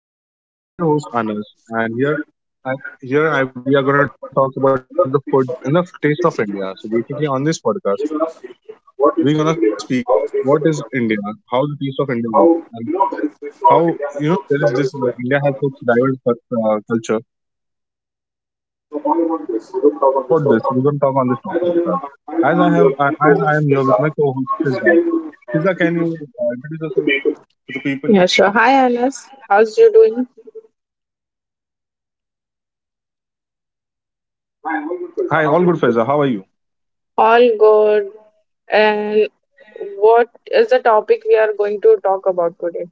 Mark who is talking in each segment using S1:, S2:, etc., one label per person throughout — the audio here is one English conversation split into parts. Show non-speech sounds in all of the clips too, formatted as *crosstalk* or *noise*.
S1: Hi everybody, welcome to the podcast. I'm your host Anas, and I, here we are going to talk about the food and the taste of India. So basically, on this podcast, we're going to speak what is India, how the taste of India works, and how there is this India has such diverse culture. So all about this, we're going to talk on this top podcast. As I am here with my co-host Fizza. Fizza, can you introduce yourself to the people?
S2: Yeah, sure. Hi, Anas. How's you doing?
S1: Hi, all good, Fizza. How are you?
S2: All good. And what is the topic we are going to talk about today?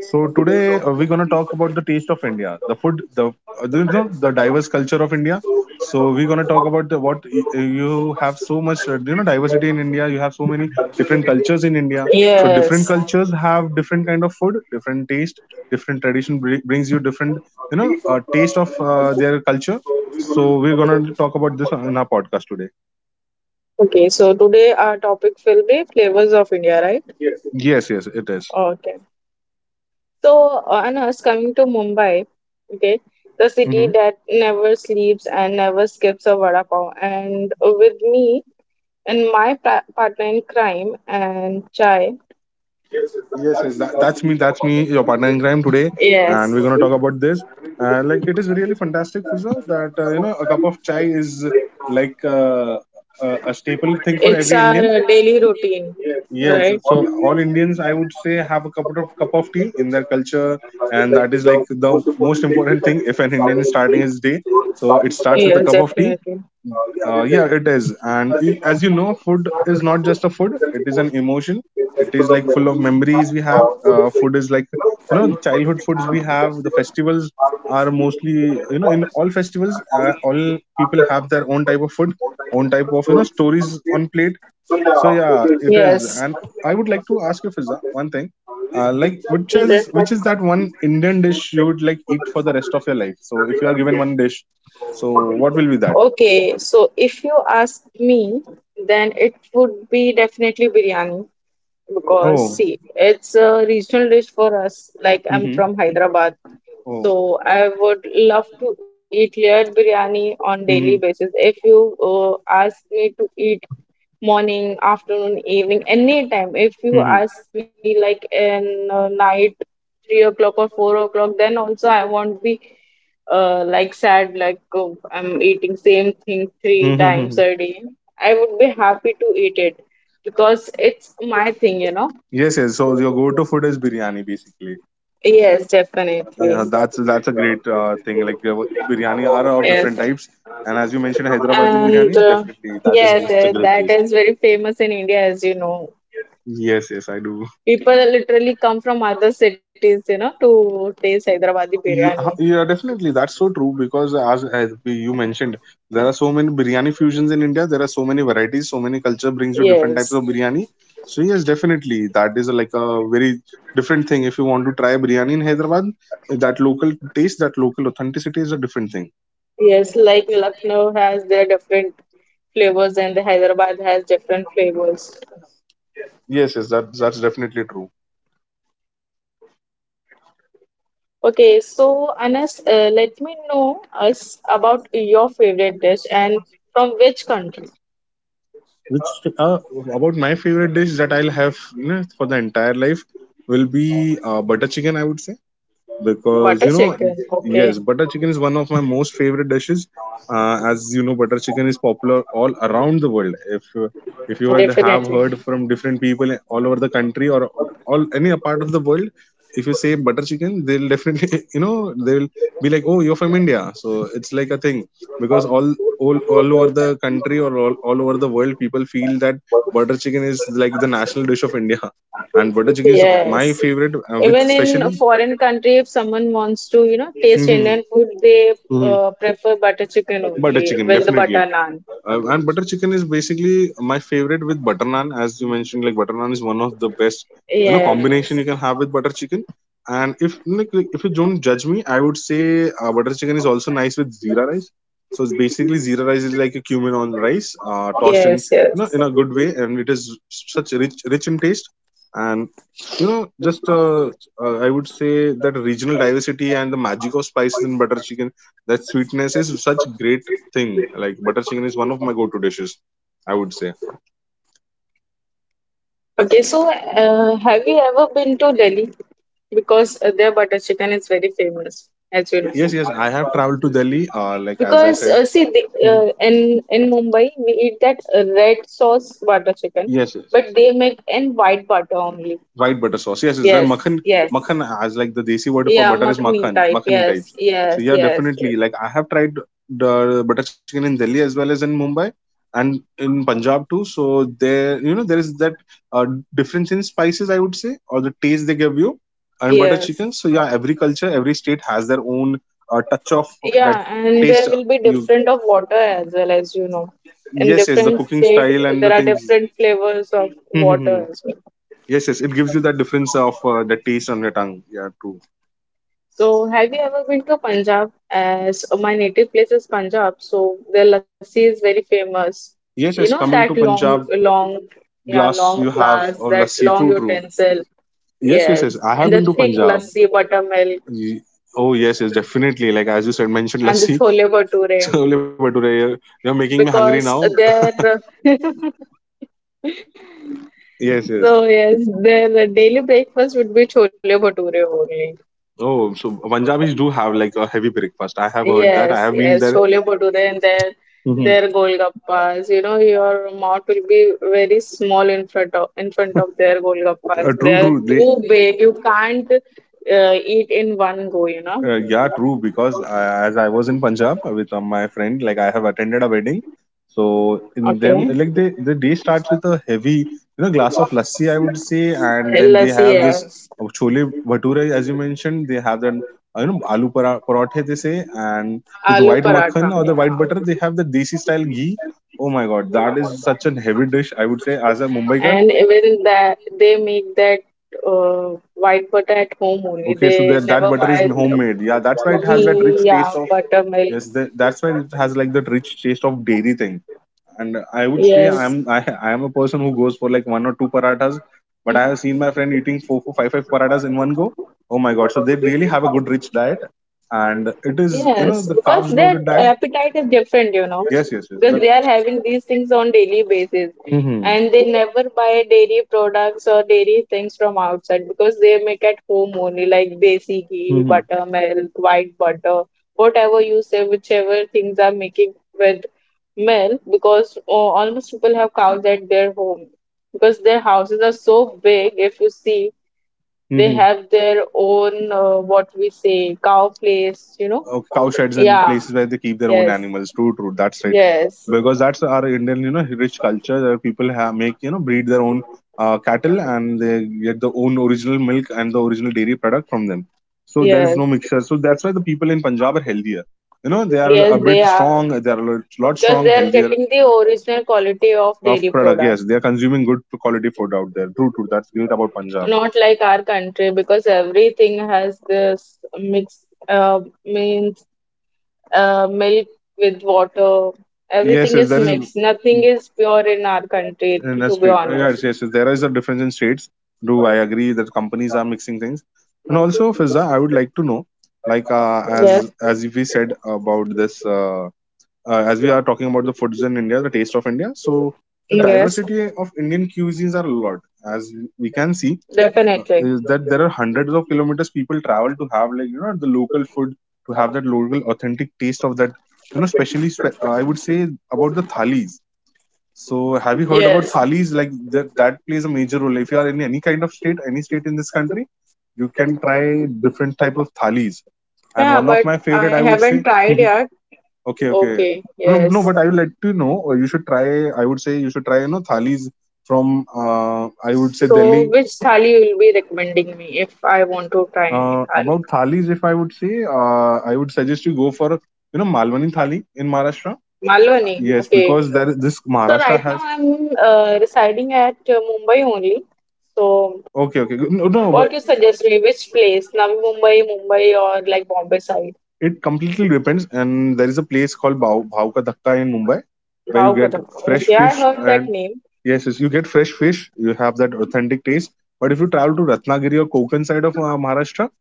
S1: So today we're gonna talk about the taste of India, the food, the the diverse culture of India. So we're gonna talk about you have so much diversity in India. You have so many different cultures in India. So different
S2: Yes.
S1: cultures have different kind of food, different taste, different tradition brings you different taste of their culture. So we're gonna talk about this in our podcast today.
S2: Okay, so today our topic will be flavors of India, right?
S1: Yes, yes, it is.
S2: Okay. So, Anas, coming to Mumbai, okay, the city
S1: Mm-hmm.
S2: that never sleeps and never skips a vada pav. And with me and my partner in crime and Chai,
S1: Yes, yes, that's me. That's me, your partner in crime today, and
S2: yes.
S1: we're gonna talk about this. Like it is really fantastic, Fizza, that a cup of chai is like a staple thing for
S2: It's
S1: every Indian.
S2: our daily routine,
S1: Yes,
S2: right?
S1: so all Indians, I would say, have a cup of tea in their culture, and that is like the most important thing if an Indian is starting his day. So it starts with a
S2: Yes,
S1: cup of tea.
S2: definitely.
S1: Yeah, it is. And y- as you know, food is not just a food, it is an emotion. It is like full of memories we have. Food is like, you know, the childhood foods we have. The festivals are mostly, you know, in all festivals, all people have their own type of food, own type of, you know, stories on plate. So yeah, it is. And I would like to ask you, Fiza, one thing. Like which
S2: It
S1: is which is that one Indian dish you would like eat for the rest of your life? So if you are given one dish, so what will be that?
S2: Okay, so if you ask me, then it would be definitely biryani because
S1: Oh.
S2: see it's a regional dish for us, like I'm
S1: Mm-hmm.
S2: from Hyderabad,
S1: Oh.
S2: so I would love to eat layered biryani on daily
S1: Mm-hmm.
S2: basis. If you uh, ask me to eat morning, afternoon, evening, any time, if you
S1: Mm-hmm.
S2: ask me like in night 3 o'clock or 4 o'clock, then also I won't be like sad, like, oh, I'm eating same thing three
S1: Mm-hmm.
S2: times
S1: Mm-hmm.
S2: a day I would be happy to eat it because it's my thing.
S1: Yes, yes. So your go-to food is biryani, basically.
S2: Yes, definitely.
S1: Yeah, that's a great thing. Like biryani are of different
S2: Yes.
S1: types, and as you mentioned, Hyderabadi
S2: And
S1: biryani, definitely that is
S2: yes,
S1: such a great
S2: that
S1: taste.
S2: is very famous in India, as you know.
S1: Yes, yes, I do.
S2: People literally come from other cities, you know, to taste Hyderabadi biryani.
S1: Yeah, definitely. That's so true because as you mentioned, there are so many biryani fusions in India. There are so many varieties, so many culture brings you different types of
S2: Yes.
S1: biryani. So yes, definitely, that is like a very different thing. If you want to try biryani in Hyderabad, that local taste, that local authenticity is a different thing.
S2: Yes, like Lucknow has their different flavors and the Hyderabad has different flavors.
S1: Yes, yes, that's definitely true.
S2: Okay, so Anas, let me know us about your favorite dish and from which country.
S1: Which uh, about my favorite dish that I'll have, you know, for the entire life will be butter chicken. I would say,
S2: Butter
S1: because you know,
S2: chicken. Okay.
S1: yes, butter chicken is one of my most favorite dishes. As you know, butter chicken is popular all around the world. If you had have
S2: Definitely.
S1: heard from different people all over the country or all any part of the world, if you say butter chicken, they'll definitely *laughs* you know, they'll be like, oh, you're from India, so it's like a thing, because all over the country or all over the world, people feel that butter chicken is like the national dish of India. And butter chicken is my
S2: Yes.
S1: favorite, with
S2: Even in a
S1: specially,
S2: foreign country, if someone wants to, you know, taste
S1: hmm,
S2: Indian food, they
S1: hmm,
S2: prefer butter chicken
S1: butter
S2: only
S1: chicken,
S2: with the
S1: definitely.
S2: butter naan.
S1: And butter chicken is basically my favorite with butter naan, as you mentioned. Like butter naan is one of the best, you know, combination
S2: Yes.
S1: you can have with butter chicken. And if like, like if you don't judge me, I would say butter chicken is also nice with zira rice. So it's basically zira rice is like a cumin on rice, tossed in
S2: Yes,
S1: you know
S2: yes.
S1: in a good way, and it is such rich in taste. And you know, just a I would say that regional diversity and the magic of spices in butter chicken, that sweetness is such great thing. Like butter chicken is one of my go-to dishes, I would say.
S2: Okay, so have you ever been to Delhi? Because their butter chicken is very famous, as you know.
S1: Yes, yes. I have traveled to Delhi. Like as I
S2: Because
S1: said.
S2: see,
S1: Mhm.
S2: in Mumbai we eat that red sauce butter chicken,
S1: Yes, yes,
S2: but
S1: yes.
S2: they make in white butter only.
S1: White butter sauce. Yes, is there
S2: Yes,
S1: makhan?
S2: yes,
S1: Makhan as like the desi word for
S2: yeah,
S1: butter is
S2: makhni
S1: makhan,
S2: type.
S1: makhani
S2: Yes,
S1: types. So
S2: yes,
S1: yeah,
S2: yes, yes,
S1: definitely. Like I have tried the butter chicken in Delhi as well as in Mumbai and in Punjab too. So there, you know, there is that uh, difference in spices, I would say, or the taste they give you, and butter
S2: yes.
S1: chicken. So yeah, every culture, every state has their own touch of that
S2: Yeah, and
S1: taste.
S2: there will be
S1: You
S2: different of water as well, as you know.
S1: yes, yes, the
S2: In
S1: cooking
S2: different
S1: style and
S2: states,
S1: the
S2: there
S1: things. *laughs*
S2: are different flavors of
S1: Hmm, hmm, hmm.
S2: water as well.
S1: Yes, yes, it gives you that difference of the taste on your tongue. Yeah, true.
S2: So, have you ever been to Punjab? As my native place is Punjab, so their lassi is very famous. You
S1: Yes,
S2: know
S1: yes,
S2: that
S1: coming to
S2: long,
S1: Punjab,
S2: long, yeah,
S1: glass
S2: long
S1: you have
S2: glass,
S1: of
S2: that
S1: lassi.
S2: long
S1: True, true.
S2: utensil.
S1: Yes, yes, yes.
S2: Yes,
S1: I have
S2: and the
S1: been to
S2: thick
S1: Punjab.
S2: lassi, buttermilk,
S1: Ye- Oh, yes, yes, definitely. Like as you said, mentioned
S2: and the
S1: lassi,
S2: chole
S1: *laughs*
S2: bhature
S1: chole bhature. You're making me hungry
S2: because
S1: now.
S2: they
S1: *laughs*
S2: *laughs*
S1: Yes, yes.
S2: So yes, their daily breakfast would be chole bhature only.
S1: Oh, so Punjabis do have like a heavy breakfast. I have heard that. I
S2: Yes,
S1: have been
S2: yes,
S1: there.
S2: chole bhature and their
S1: Mhm.
S2: their golgappas. You know, your mouth will be very small in front of their golgappas. They
S1: True,
S2: are
S1: true. They
S2: too big. You can't eat in one go, you know.
S1: Yeah, true. Because I, as I was in Punjab with my friend, like I have attended a wedding. So in them,
S2: Okay.
S1: like they, the day starts with a heavy, you know, glass of lassi, I would say, and then they
S2: Lassi,
S1: have this
S2: yes.
S1: chole bhature, as you mentioned. They have that, you know, aloo parathe they say, and with
S2: Aloo
S1: white
S2: paratha.
S1: makhan or the white
S2: Yeah.
S1: butter, they have the desi style ghee. Oh my God, that is such an heavy dish, I would say, as a
S2: And
S1: Mumbaikar.
S2: even that they make that white butter at home only.
S1: Okay, so
S2: They
S1: that that
S2: never
S1: butter is
S2: buy
S1: homemade. Yeah, that's why it has that
S2: ghee,
S1: rich
S2: yeah,
S1: taste of —
S2: buttermilk.
S1: yes, that's why it has like that rich taste of dairy thing. And I would say
S2: Yes,
S1: I'm *laughs* I am a person who goes for like one or two parathas, but I have seen my friend eating four, five parathas in one go. Oh my god! So they really have a good rich diet, and it is you know
S2: yes,
S1: the
S2: because
S1: carbs
S2: their
S1: loaded diet.
S2: appetite is different, you know,
S1: Yes, yes, yes.
S2: because
S1: The,
S2: they are having these things on daily basis,
S1: hmm,
S2: and they never buy dairy products or dairy things from outside because they make at home only, like desi ghee,
S1: hmm,
S2: buttermilk, white butter, whatever you say, whichever things are making with milk. Because, oh, almost people have cows at their home because their houses are so big, if you see. They
S1: hmm,
S2: have their own, what we say, cow place, you know?
S1: cow sheds and
S2: Yeah.
S1: places where they keep their own
S2: Yes.
S1: animals. True, true. That's right.
S2: Yes.
S1: Because that's our Indian, you know, rich culture where people have make you know breed their own cattle, and they get the own original milk and the original dairy product from them. So there
S2: Yes.
S1: is no mixture. So that's why the people in Punjab are healthier. You know, they are
S2: Yes,
S1: a
S2: they
S1: bit
S2: are.
S1: strong. They are a lot
S2: Because
S1: strong,
S2: they are
S1: healthier
S2: getting the original quality of
S1: of
S2: dairy
S1: product.
S2: product.
S1: Yes, they are consuming good quality food out there. True, true. That's great about Punjab.
S2: Not like our country, because everything has this mix, means milk with water.
S1: Yes,
S2: Everything
S1: yes,
S2: is
S1: there is
S2: mixed. Nothing
S1: in
S2: is pure in our country,
S1: the
S2: to be
S1: state. Yes,
S2: honest.
S1: yes, yes, there is a difference in states. Do I agree that companies are mixing things? And also, Fizza, I would like to know, like uh, as
S2: Yes,
S1: as we said about this. As we are talking about the foods in India, the taste of India. So the
S2: yes,
S1: diversity of Indian cuisines are a lot, as we can see.
S2: definitely.
S1: Is that there are hundreds of kilometers people travel to have like you know the local food, to have that local authentic taste of that you know especially I would say, about the thalis. So have you heard about
S2: Yes.
S1: thalis? Like that that plays a major role. If you are in any kind of state, any state in this country, you can try different type of thalis. And
S2: Yeah,
S1: one of
S2: but
S1: my
S2: I
S1: favorite, I would
S2: haven't
S1: say.
S2: tried
S1: *laughs*
S2: yet.
S1: Okay, okay.
S2: Okay.
S1: No, no,
S2: Yes.
S1: but I would like to know. Or you should try. I would say you should try. You know, thalis from. I would say
S2: So,
S1: Delhi.
S2: which thali you will be recommending me if I want to try any thali?
S1: About thalis, if I would say, I would suggest you go for you know Malwani thali in Maharashtra.
S2: Malwani.
S1: Yes,
S2: Okay.
S1: because there this
S2: So
S1: Maharashtra
S2: right now
S1: has.
S2: I'm residing at Mumbai only. So,
S1: Okay, okay. No,
S2: what
S1: no,
S2: you
S1: but
S2: suggest me? Which place? Navi Mumbai, Mumbai, or like Bombay side?
S1: it completely depends. And there is a place called Bhav Ka Dhakka in Mumbai where you
S2: Wow,
S1: get
S2: Kadam.
S1: fresh
S2: Okay,
S1: fish
S2: I heard that
S1: and.
S2: name.
S1: Yes, yes, you get fresh fish, you have that authentic taste. But if you travel to Ratnagiri or Konkan side of Maharashtra,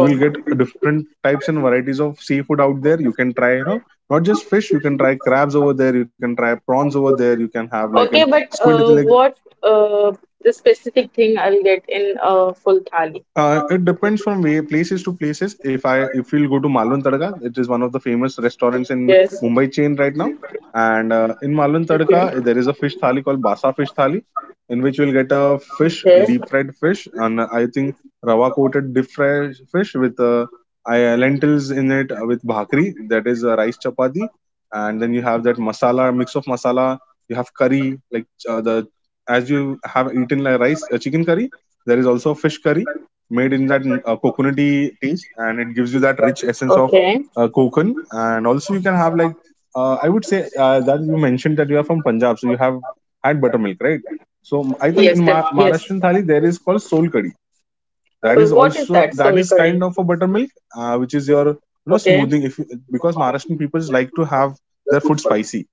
S1: you will get different types and varieties of seafood out there. You can try, you know, not just fish, you can try crabs over there, you can try prawns over there, you can have like an
S2: Okay, but
S1: squid like.
S2: what uh, the specific thing I'll get in full thali?
S1: It depends from places to places. If we'll go to Malwan Tadka, it is one of the famous restaurants in
S2: Yes.
S1: Mumbai chain right now. And in Malwan
S2: Okay.
S1: Tadka, there is a fish thali called Basa fish thali, in which we'll get a fish, deep fried fish, and I think rava coated deep fried fish with lentils in it with bhakri, that is rice chapati, and then you have that masala mix of masala. You have curry like the as you have eaten like rice chicken curry. There is also fish curry made in that
S2: Okay.
S1: coconutty taste, and it gives you that rich essence of
S2: Okay.
S1: coconut. And also you can have like I would say that you mentioned that you are from Punjab, so you have had buttermilk, right? So I
S2: Yes,
S1: think in
S2: that yes.
S1: Maharashtrian thali there is called sol kadhi, that
S2: So
S1: is
S2: what is
S1: also
S2: that soul
S1: that is
S2: curry?
S1: kind of a buttermilk, which is your smoothing if you, because Maharashtrian people like to have
S2: Okay.
S1: their food spicy.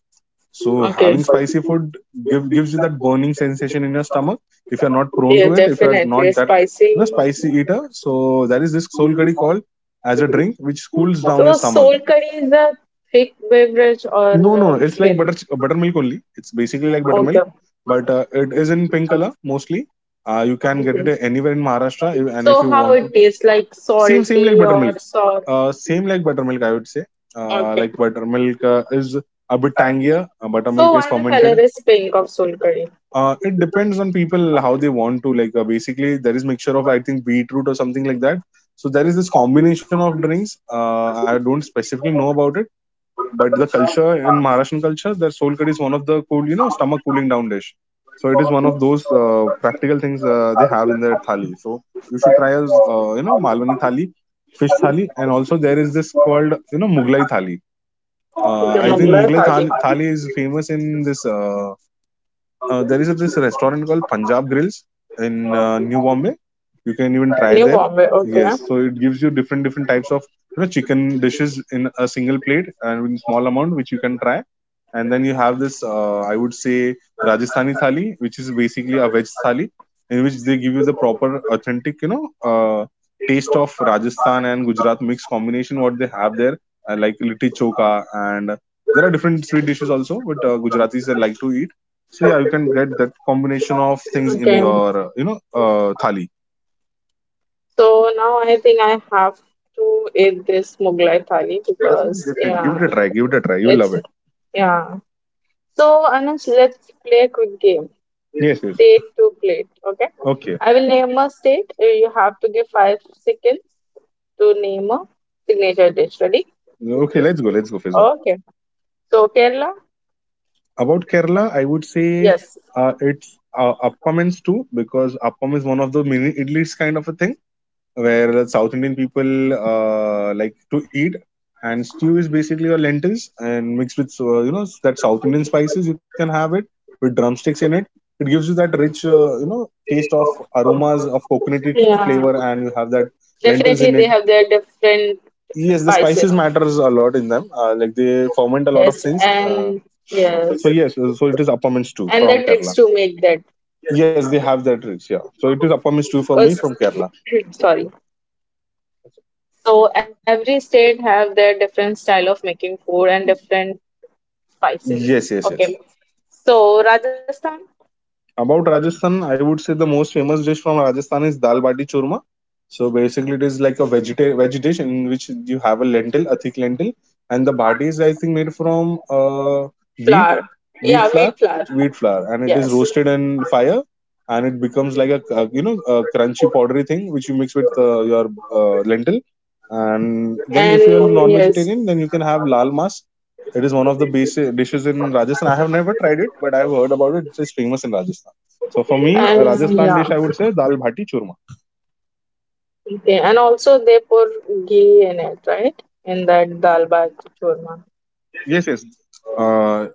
S1: So
S2: Okay.
S1: having spicy food gives you that burning sensation in your stomach. If you're not prone
S2: Yes,
S1: to it, if you're
S2: definitely.
S1: not that
S2: Spicy.
S1: spicy eater, so there is this soul curry called as a drink which cools down your
S2: So,
S1: stomach.
S2: soul curry is a thick beverage or
S1: No, no, it's like
S2: thin?
S1: buttermilk only. It's basically like
S2: Okay.
S1: buttermilk, but it is in pink color mostly. You can get it anywhere in Maharashtra, and if
S2: So,
S1: you
S2: how
S1: want
S2: it
S1: to,
S2: tastes, like
S1: same same
S2: salty
S1: like buttermilk.
S2: or sour?
S1: Same like buttermilk, I would say.
S2: Okay.
S1: Like buttermilk is a bit tangier.
S2: So,
S1: Buttermilk is
S2: why the color
S1: fermented.
S2: is pink of soul curry?
S1: It depends on people how they want to, like. Basically, there is mixture of I think beetroot or something like that. So there is this combination of drinks. I don't specifically know about it, but the culture in Maharashtrian culture, that soul curry is one of the cool, you know, stomach cooling down dish. So it is one of those practical things they have in their thali. So you should try as you know, Malwani thali, fish thali, and also there is this called Mughlai thali. I think
S2: Remember,
S1: Mughlai
S2: Khadi.
S1: thali is famous in this. There is this restaurant called Punjab Grills in New Bombay. You can even try
S2: New
S1: there.
S2: Bombay, okay.
S1: Yes, so it gives you different types of chicken dishes in a single plate and in small amount which you can try. And then you have this I would say Rajasthani thali, which is basically a veg thali in which they give you the proper authentic taste of Rajasthan and Gujarat mixed combination what they have there, like litti choka. And there are different sweet dishes also, but Gujaratis like to eat, so yeah, you can get that combination of things in
S2: Okay.
S1: your thali.
S2: So now I think I have to eat this Mughlai thali
S1: Definitely,
S2: because,
S1: definitely. Give it
S2: yeah,
S1: a try. Give it a try. You will
S2: it's
S1: love it.
S2: yeah. So Anush, let's play a quick game.
S1: Yes, yes.
S2: State to plate, okay?
S1: Okay,
S2: I will name a state. You have to give 5 seconds to name a signature dish. Ready?
S1: okay. Let's go. Let's go, Fiza.
S2: Okay. So Kerala,
S1: About Kerala, I would say
S2: yes.
S1: it's appam and stew, because appam is one of the mini idlis kind of a thing where the South Indian people like to eat. And stew is basically your lentils and mixed with that South Indian spices. You can have it with drumsticks in it. It gives you that rich taste of aromas of coconutty
S2: Yeah.
S1: flavor, and you have that
S2: Definitely,
S1: lentils
S2: they
S1: in it.
S2: have their different
S1: Yes, the
S2: spices.
S1: spices matters a lot in them. Like they ferment a lot of
S2: Yes,
S1: things.
S2: and yes,
S1: So yes, so it is appam and stew
S2: and
S1: from
S2: the tricks
S1: Kerala.
S2: to make that
S1: Yes, they have that rich. Yeah, so it is appam and stew for me
S2: because
S1: from Kerala.
S2: *laughs* *coughs* sorry. So every state have their different style of making food and different spices.
S1: Yes, yes,
S2: Okay,
S1: yes.
S2: so Rajasthan
S1: About Rajasthan, I would say the most famous dish from Rajasthan is dal bati churma. So basically, it is like a veg dish in which you have a lentil, a thick lentil, and the bati is I think made from wheat,
S2: flour,
S1: wheat
S2: yeah,
S1: flour,
S2: wheat flour,
S1: wheat flour, and it is
S2: yes,
S1: roasted in fire, and it becomes like a a crunchy powdery thing which you mix with your lentil. And then
S2: and
S1: if you are
S2: yes,
S1: non-vegetarian, then you can have lal mas. It is one of the basic dishes in Rajasthan. I have never tried it, but I've heard about it. It's famous in Rajasthan. So for me, a
S2: and
S1: Rajasthan
S2: yeah,
S1: dish I would say dal bhati churma.
S2: okay, and also they pour ghee in it, right? In that dal bhat churma.
S1: Yes, yes, uh,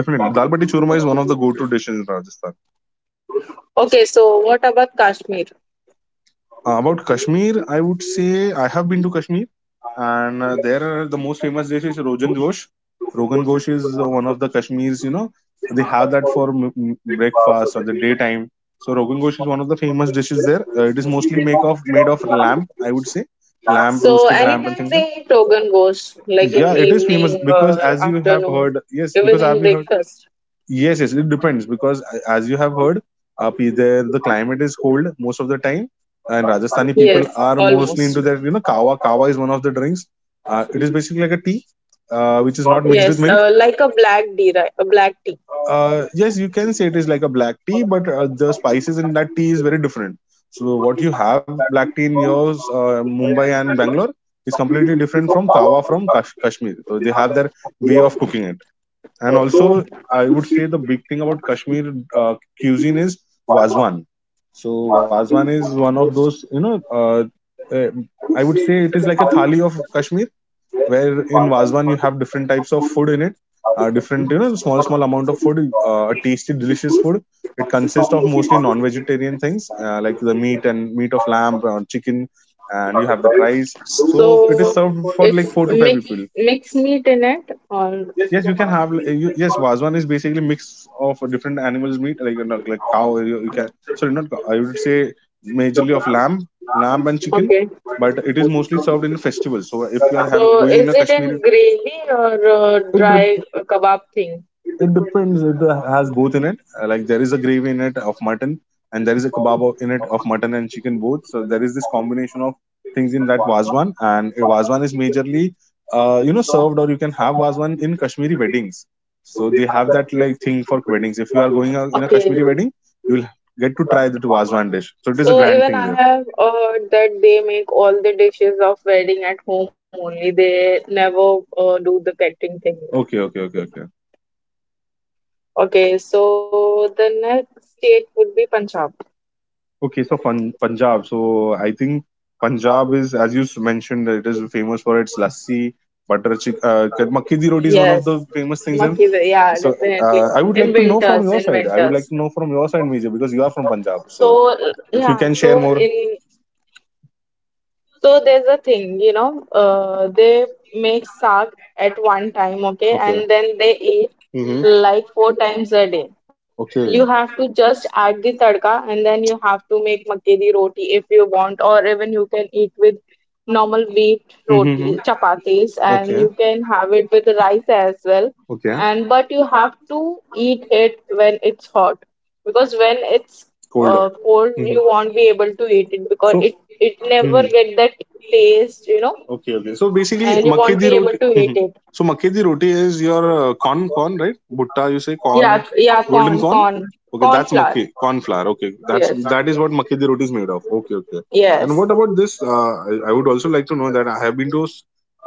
S1: definitely. Dal bhati churma is one of the go-to dishes in Rajasthan.
S2: Okay, so what about Kashmir?
S1: About Kashmir, I would say I have been to Kashmir, and the most famous dish is Rogan Josh. Rogan Josh is one of the Kashmir's, you know, they have that for breakfast or the daytime. So Rogan Josh is one of the famous dishes there. It is mostly make of made of lamb, I would say, lamb,
S2: So
S1: roasted lamb, and
S2: anytime
S1: things
S2: they
S1: like.
S2: eat Rogan Ghosh, like in
S1: Yeah, it is famous
S2: evening
S1: because
S2: or
S1: as you have
S2: afternoon,
S1: heard, yes,
S2: even
S1: because
S2: in
S1: I've heard.
S2: breakfast.
S1: Yes, yes, it depends because as you have heard, there the climate is cold most of the time, and Rajasthani people
S2: Yes,
S1: are mostly
S2: almost.
S1: into that. You know, kawa. Kawa is one of the drinks. It is basically like a tea, which is not mixed
S2: Yes,
S1: with milk.
S2: like a black tea, right? A black tea.
S1: Yes, you can say it is like a black tea, but the spices in that tea is very different. So what you have black tea in yours, Mumbai and Bangalore, is completely different from kawa from Kashmir. So they have their way of cooking it. And also, I would say the big thing about Kashmir cuisine is wazwan. So wazwan is one of those, uh, I would say it is like a thali of Kashmir, where in wazwan you have different types of food in it, different, small amount of food, a tasty, delicious food. It consists of mostly non-vegetarian things like the meat and meat of lamb or chicken, and you have the rice. So it is
S2: So
S1: served for
S2: it's
S1: like four to five
S2: mix
S1: people.
S2: mix meat in it or
S1: Yes, you can have. Yes, Vazwan is basically mix of different animals' meat, like like cow. You can, sorry, not cow. I would say majorly of lamb, and chicken,
S2: okay.
S1: but it is mostly served in festivals. So if you are having
S2: So
S1: going in
S2: is
S1: a
S2: it in
S1: Kashmiri,
S2: gravy or
S1: it dep-
S2: dry kebab thing?
S1: it depends. It has both in it. Like there is a gravy in it of mutton, and there is a kebab in it of mutton and chicken both. So there is this combination of things in that wazwan, and a wazwan is majorly, served, or you can have wazwan in Kashmiri weddings. So they have that like thing for weddings. If you are going out in a
S2: Okay.
S1: Kashmiri wedding, you will get to try the wazwan dish. So it is a
S2: So
S1: grand
S2: even
S1: thing
S2: I
S1: there.
S2: have heard that they make all the dishes of wedding at home only. They never do the catering thing,
S1: Okay,
S2: right?
S1: okay, okay, okay.
S2: Okay, so the next state would be Punjab.
S1: Okay, so Punjab. So I think Punjab is, as you mentioned, that it is famous for its lassi, butter chicken. Makki di roti is one of
S2: Yes,
S1: the famous things in.
S2: Makki, yeah,
S1: So
S2: definitely.
S1: I would
S2: In
S1: like to know from
S2: winters,
S1: your
S2: in
S1: side. I would like
S2: winters.
S1: to know from your side, Major, because you are from Punjab. So
S2: So
S1: if you
S2: yeah,
S1: can share
S2: so
S1: more.
S2: in so there's a thing, you know, they make saag at one time, okay,
S1: Okay.
S2: and then they eat
S1: Mm-hmm.
S2: like 4 times a day.
S1: Okay.
S2: You have to just add the tadka and then you have to make makke di roti if you want, or even you can eat with normal wheat
S1: Mm-hmm.
S2: roti, chapatis, and
S1: Okay.
S2: you can have it with rice as well.
S1: Okay.
S2: And but you have to eat it when it's hot because when it's
S1: Cold.
S2: cold,
S1: Mm-hmm.
S2: you won't be able to eat it because
S1: So.
S2: it
S1: Mm-hmm.
S2: never get that taste, you know,
S1: Okay, okay. So basically,
S2: and you
S1: makki
S2: won't
S1: di
S2: be able
S1: roti.
S2: to
S1: Mhm.
S2: eat it.
S1: So makki di roti is your corn, right? Butta, you say
S2: Yeah,
S1: corn,
S2: yeah,
S1: golden
S2: corn,
S1: corn.
S2: corn,
S1: Okay,
S2: corn
S1: that's
S2: flour.
S1: makki corn flour. Okay,
S2: Yes,
S1: that is what makki di roti is made of. Okay, okay. And
S2: yes.
S1: what about this? I would also like to know that I have been to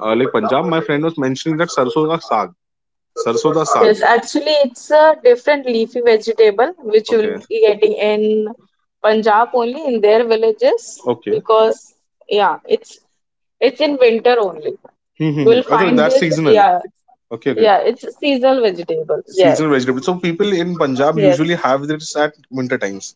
S1: like Punjab. My friend was mentioning that sarso da saag.
S2: Yes, actually, it's a different leafy vegetable which you will
S1: Okay,
S2: be getting in Punjab only in their villages
S1: okay.
S2: because yeah, it's in winter only. You will
S1: Mm-hmm. Also,
S2: find
S1: that's
S2: this.
S1: seasonal.
S2: Yeah,
S1: Okay, okay.
S2: yeah, it's a seasonal vegetables. Yes.
S1: Seasonal vegetable. So people in Punjab
S2: Yes,
S1: usually have this at winter times.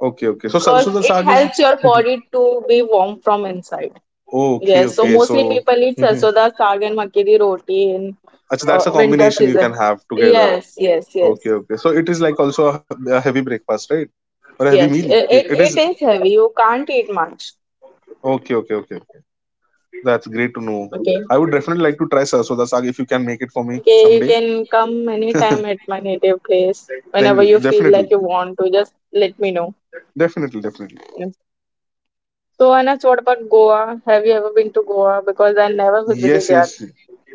S1: Okay, okay. So
S2: because
S1: sarson Sarsuda
S2: it
S1: Saag is.
S2: helps your
S1: Mhm.
S2: body to be warm from inside.
S1: Okay,
S2: Yes, so
S1: okay.
S2: mostly
S1: So.
S2: people eat
S1: Mhm.
S2: sarson da saag and makki di roti in
S1: Achha, that's a
S2: winter
S1: combination you can
S2: season.
S1: have together.
S2: Yes, yes,
S1: Okay,
S2: yes,
S1: okay. So it is like also a heavy breakfast, right? Or a heavy
S2: yes.
S1: meal.
S2: It,
S1: It
S2: it
S1: it is.
S2: it is heavy. You can't eat much.
S1: Okay, okay, okay. That's great to know. I
S2: Okay,
S1: would definitely like to try Sarsuda Saag if you can make it for me
S2: okay. You
S1: someday.
S2: can come anytime at my native place
S1: Thank you.
S2: whenever you feel
S1: Definitely.
S2: like you want to. Just let me know.
S1: Definitely, definitely.
S2: Yes. So Anas, what about Goa? Have you ever been to Goa? Because I never
S1: Yes,
S2: visited
S1: yes.
S2: yet.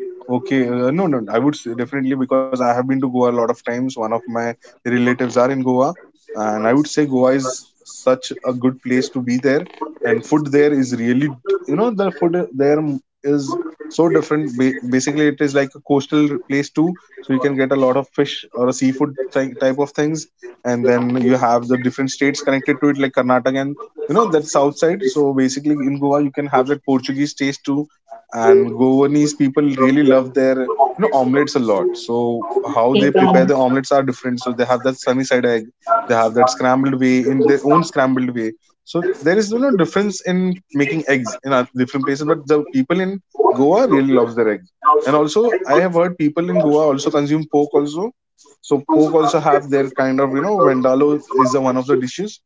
S1: Okay, no, no, I would say definitely because I have been to Goa a lot of times. One of my relatives are in Goa, and I would say Goa is such a good place to be there. And food there is really, the food there is so different. Basically, it is like a coastal place too, so you can get a lot of fish or a seafood type of things. And then you have the different states connected to it, like Karnataka and that south side. So basically, in Goa, you can have that Portuguese taste too, and Goanese people really love their omelets a lot. So how they prepare
S2: Amen.
S1: their omelets are different. So they have that sunny side egg, they have that scrambled way in their own scrambled way. So there is difference in making eggs in our different places, but the people in Goa really loves their eggs. And also I have heard people in Goa also consume pork also. So pork also have their kind of vendalo is the one of the dishes.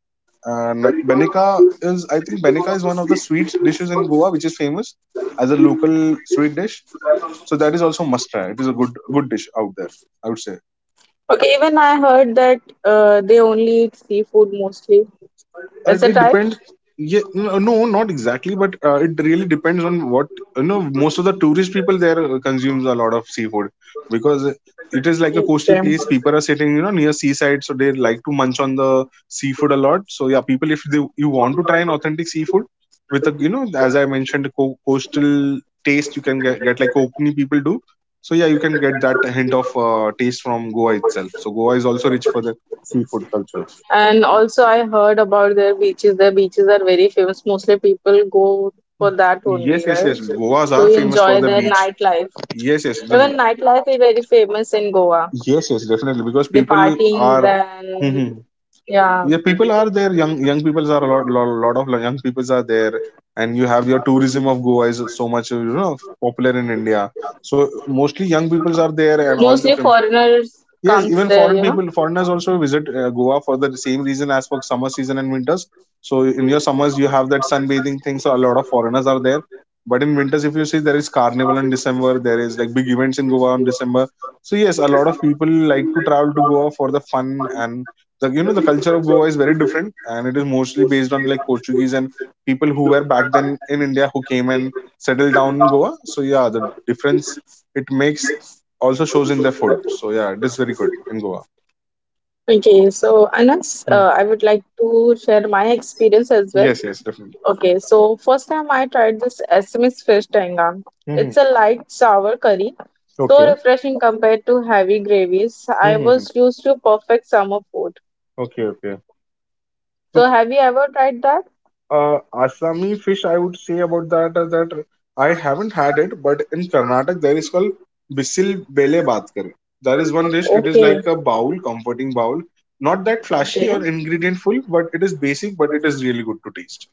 S1: And Benica is, I think Benica is one of the sweet dishes in Goa, which is famous as a local sweet dish. So that is also must try. It is a good dish out there, I would say.
S2: Okay, even I heard that they only eat seafood mostly.
S1: Uh,
S2: Is it
S1: it
S2: right?
S1: depends. Yeah, no, not exactly, but it really depends on what you know. Most of the tourist people there consumes a lot of seafood because it is like a coastal place. People are sitting, you know, near seaside, so they like to munch on the seafood a lot. So yeah, people, if they you want to try an authentic
S2: Okay.
S1: seafood with a as I mentioned, coastal taste, you can get like Konkani people do. So yeah, you can get that hint of taste from Goa itself. So Goa is also rich for the seafood culture.
S2: And also, I heard about their beaches. Their beaches are very famous. Mostly people go for that
S1: Yes,
S2: only,
S1: yes,
S2: right?
S1: yes. Goas
S2: To
S1: are famous for
S2: enjoy
S1: the
S2: their
S1: beach.
S2: nightlife.
S1: Yes, yes.
S2: Even
S1: The,
S2: nightlife is very famous in Goa.
S1: yes, yes, definitely. Because
S2: The
S1: people
S2: partying,
S1: are hmm,
S2: then, yeah.
S1: yeah, people are there. Young people are a lot, lot of young people are there, and you have your tourism of Goa is so much popular in India. So mostly young people are there, and all the
S2: Mostly
S1: film.
S2: foreigners
S1: Yes,
S2: comes
S1: even
S2: there,
S1: foreign
S2: you know,
S1: people, foreigners also visit Goa for the same reason as for summer season and winters. So in your summers you have that sunbathing thing, so a lot of foreigners are there. But in winters, if you see, there is carnival in December. There is like big events in Goa in December. So yes, a lot of people like to travel to Goa for the fun and the the culture of Goa is very different, and it is mostly based on like Portuguese and people who
S2: people
S1: were
S2: who are
S1: back then
S2: violent,
S1: in India who came
S2: they
S1: and
S2: will
S1: settled down
S2: settle
S1: in
S2: down in
S1: Goa. So
S2: schools,
S1: yeah, the difference
S2: people's
S1: it makes
S2: next
S1: also
S2: also
S1: shows in their
S2: shows in
S1: food.
S2: their
S1: So
S2: process.
S1: yeah, it is very
S2: That's
S1: good
S2: very good.
S1: in Goa.
S2: Okay, so Anas,
S1: Mm.
S2: I would like to share my experience as well.
S1: Yes, yes, definitely.
S2: Okay, so first time I tried this SMS fish tanga.
S1: Hmm.
S2: It's a light sour curry,
S1: Okay.
S2: so refreshing compared to heavy gravies. I
S1: Hmm.
S2: was used to perfect summer food.
S1: Okay. Okay. So,
S2: So have you ever tried that?
S1: Assami fish, I would say about that is that I haven't had it, but in Karnataka there is called bisil bele baat. There is one dish. It is
S2: Okay.
S1: like a bowl, comforting bowl. Not that flashy
S2: Okay.
S1: or ingredient full, but it is basic, but it is really good to taste.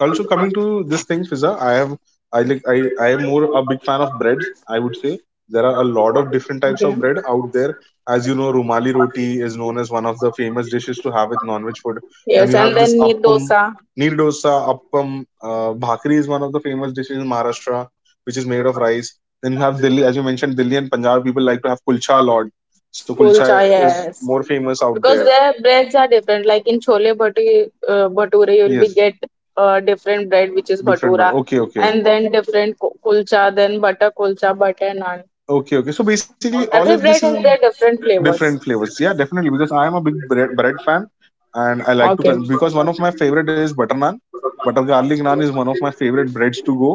S1: Also, coming to this thing, Fiza, I have I am more a big fan of breads. I would say there are a lot of different types
S2: Okay.
S1: of bread out there. As you know, rumali roti is known as one of the famous dishes to have with non-veg food.
S2: Yes,
S1: Then you
S2: and
S1: have this
S2: then need
S1: appam,
S2: dosa,
S1: neer dosa, appam, bhakri is one of the famous dishes in Maharashtra, which is made of rice. Then you have Delhi, as you mentioned, Delhi and Punjab people like to have kulcha a lot. So
S2: kulcha,
S1: kulcha is
S2: yes.
S1: more famous out
S2: Because
S1: there.
S2: their breads are different. Like in chole bhati, bhature, you will be
S1: Yes,
S2: get different bread, which is
S1: different
S2: bhatura,
S1: bread. Okay,
S2: and
S1: okay.
S2: then different kulcha, then butter kulcha, butter naan.
S1: Okay, okay. So basically, all
S2: Every
S1: of this
S2: bread
S1: is
S2: has their different flavors.
S1: different flavors. Yeah, definitely. Because I am a big bread fan, and I like to
S2: Okay.
S1: con- because one of my favorite is butter naan. Butter garlic naan is one of my favorite breads to go,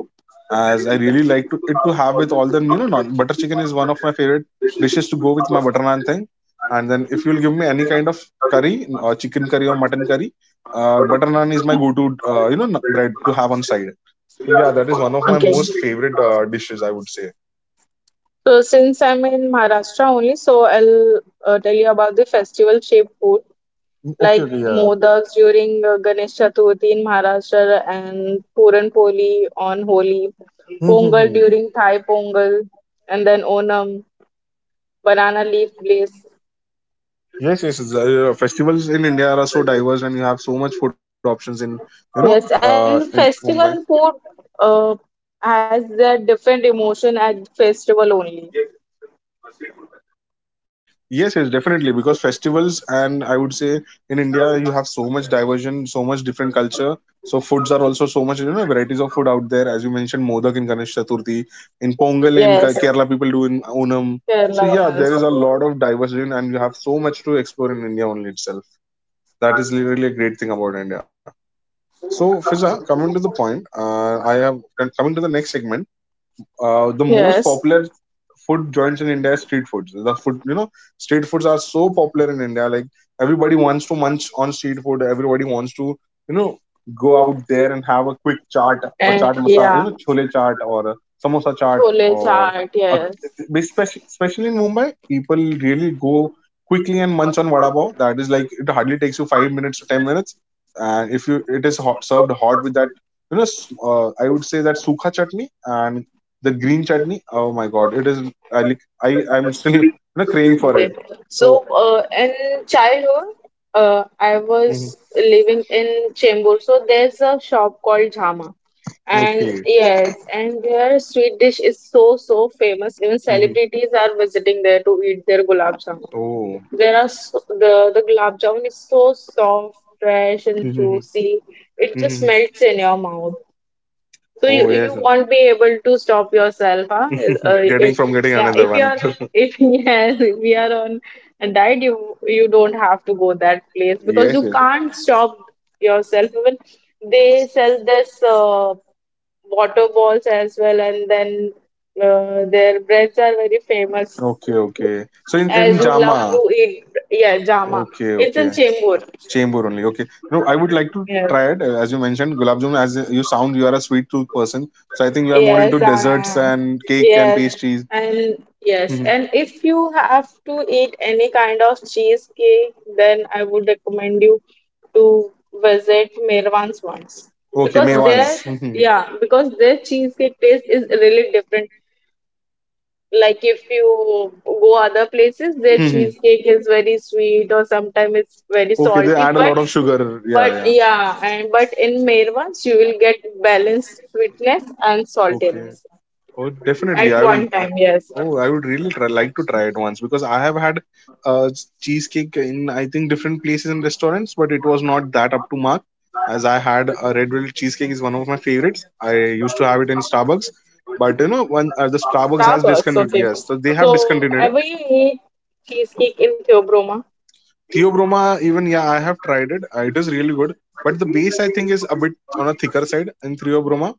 S1: as I really like to it to have with all the non butter chicken is one of my favorite dishes to go with my butter naan thing. And then if you'll give me any kind of curry, or chicken curry or mutton curry, butter naan is my go-to n- bread to have on side. So yeah, that is one of my
S2: Okay.
S1: most favorite dishes, I would say.
S2: So since I'm in Maharashtra only, so I'll tell you about the festival shaped food
S1: Mm, okay,
S2: like
S1: okay, yeah.
S2: modaks during Ganesh Chaturthi in Maharashtra and Puran Poli on Holi,
S1: Hmm, hmm,
S2: Pongal
S1: hmm.
S2: during Thai Pongal, and then Onam, banana leaf glaze.
S1: Yes, yes. The festivals in India are so diverse, and you have so much food options in
S2: Yes, and
S1: in Mumbai.
S2: festival food uh, has their different emotion at festival only.
S1: Yes, yes, definitely. Because festivals and I would say in India you have so much diversion, so much different culture. So foods are also so much varieties of food out there. As you mentioned, Modak in Ganesh Chaturthi, in Pongal in Ke-
S2: Yes,
S1: Kerala people do in Onam. So
S2: Kerala,
S1: yeah, there is a lot of diversion, and you have so much to explore in India only itself. That is really a great thing about India. So, Fiza, coming to the point, I have coming to the next segment, the most
S2: yes. Yes.
S1: popular food joints in India is street foods. The food, you know, street foods are so popular in India. Like everybody wants to munch on street food. Everybody wants to, you know, go out there and have a quick chaat or
S2: And
S1: chaat masala,
S2: yeah,
S1: you know, chole chaat or a samosa chaat
S2: chole
S1: or
S2: chaat.
S1: a,
S2: Yes.
S1: especially in Mumbai, people really go quickly and munch on vada pav. That is like it hardly takes you 5 minutes to 10 minutes, and if you it is hot, served hot with that you know, I would say that sukha chutney and the green chutney, oh my god, it is I like I I'm still *laughs* you know craving for
S2: Okay.
S1: it
S2: So,
S1: so
S2: in childhood, I
S1: mhm.
S2: was living in Chembur, so there's a shop called Jhama, and
S1: Okay.
S2: yes, and their sweet dish is so so famous. Even
S1: Hmm.
S2: celebrities are visiting there to eat their gulab jamun.
S1: Oh.
S2: The gulab jamun is so soft, fresh, and
S1: Mhm.
S2: juicy. It just
S1: Mhm.
S2: melts in your mouth. So you,
S1: Oh
S2: you
S1: yes.
S2: won't be able to stop yourself, huh? Uh,
S1: *laughs* Getting
S2: it,
S1: from getting
S2: yeah,
S1: another
S2: if you
S1: one.
S2: are
S1: *laughs*
S2: if *laughs* yes, if we are on a diet, you don't have to go that place because
S1: Yes,
S2: you
S1: yes.
S2: can't stop yourself. Even they sell this water balls as well, and then their breads are very famous.
S1: Okay, okay. So
S2: As
S1: in
S2: you love
S1: jama.
S2: to eat, yeah, jama.
S1: Okay,
S2: It's in
S1: okay.
S2: Chembur.
S1: Chamber only. Okay. No, I would like to
S2: Yeah.
S1: try it. As you mentioned, gulab jamun. As you sound, you are a sweet tooth person, so I think you are more into
S2: Yes, I
S1: desserts
S2: am.
S1: and cake and
S2: Yes,
S1: pastries.
S2: and yes,
S1: Mhm.
S2: and if you have to eat any kind of cheesecake, then I would recommend you to visit Mirwan's once
S1: Okay,
S2: because their
S1: mewans. Mhm.
S2: yeah because their cheesecake taste is really different. Like if you go other places, their
S1: Mhm.
S2: cheesecake is very sweet or sometimes it's very
S1: Okay, they
S2: salty,
S1: add a lot of sugar.
S2: but
S1: Yeah, yeah.
S2: yeah, and but in Mirwan's you will get balanced sweetness and
S1: Okay.
S2: saltiness.
S1: Oh, definitely.
S2: At
S1: I will.
S2: one
S1: I-
S2: time, yes.
S1: oh, I would really try, like to try it once because I have had cheesecake in I think different places and restaurants, but it was not that up to mark. As I had, a red velvet cheesecake is one of my favorites. I used to have it in Starbucks, but you know, one the Starbucks has
S2: Starbucks,
S1: discontinued.
S2: okay.
S1: Yes, so they have
S2: So,
S1: discontinued it.
S2: ever you eat cheesecake in Theobroma?
S1: Theobroma, even yeah, I have tried it. It is really good, but the base I think is a bit on a thicker side in Theobroma,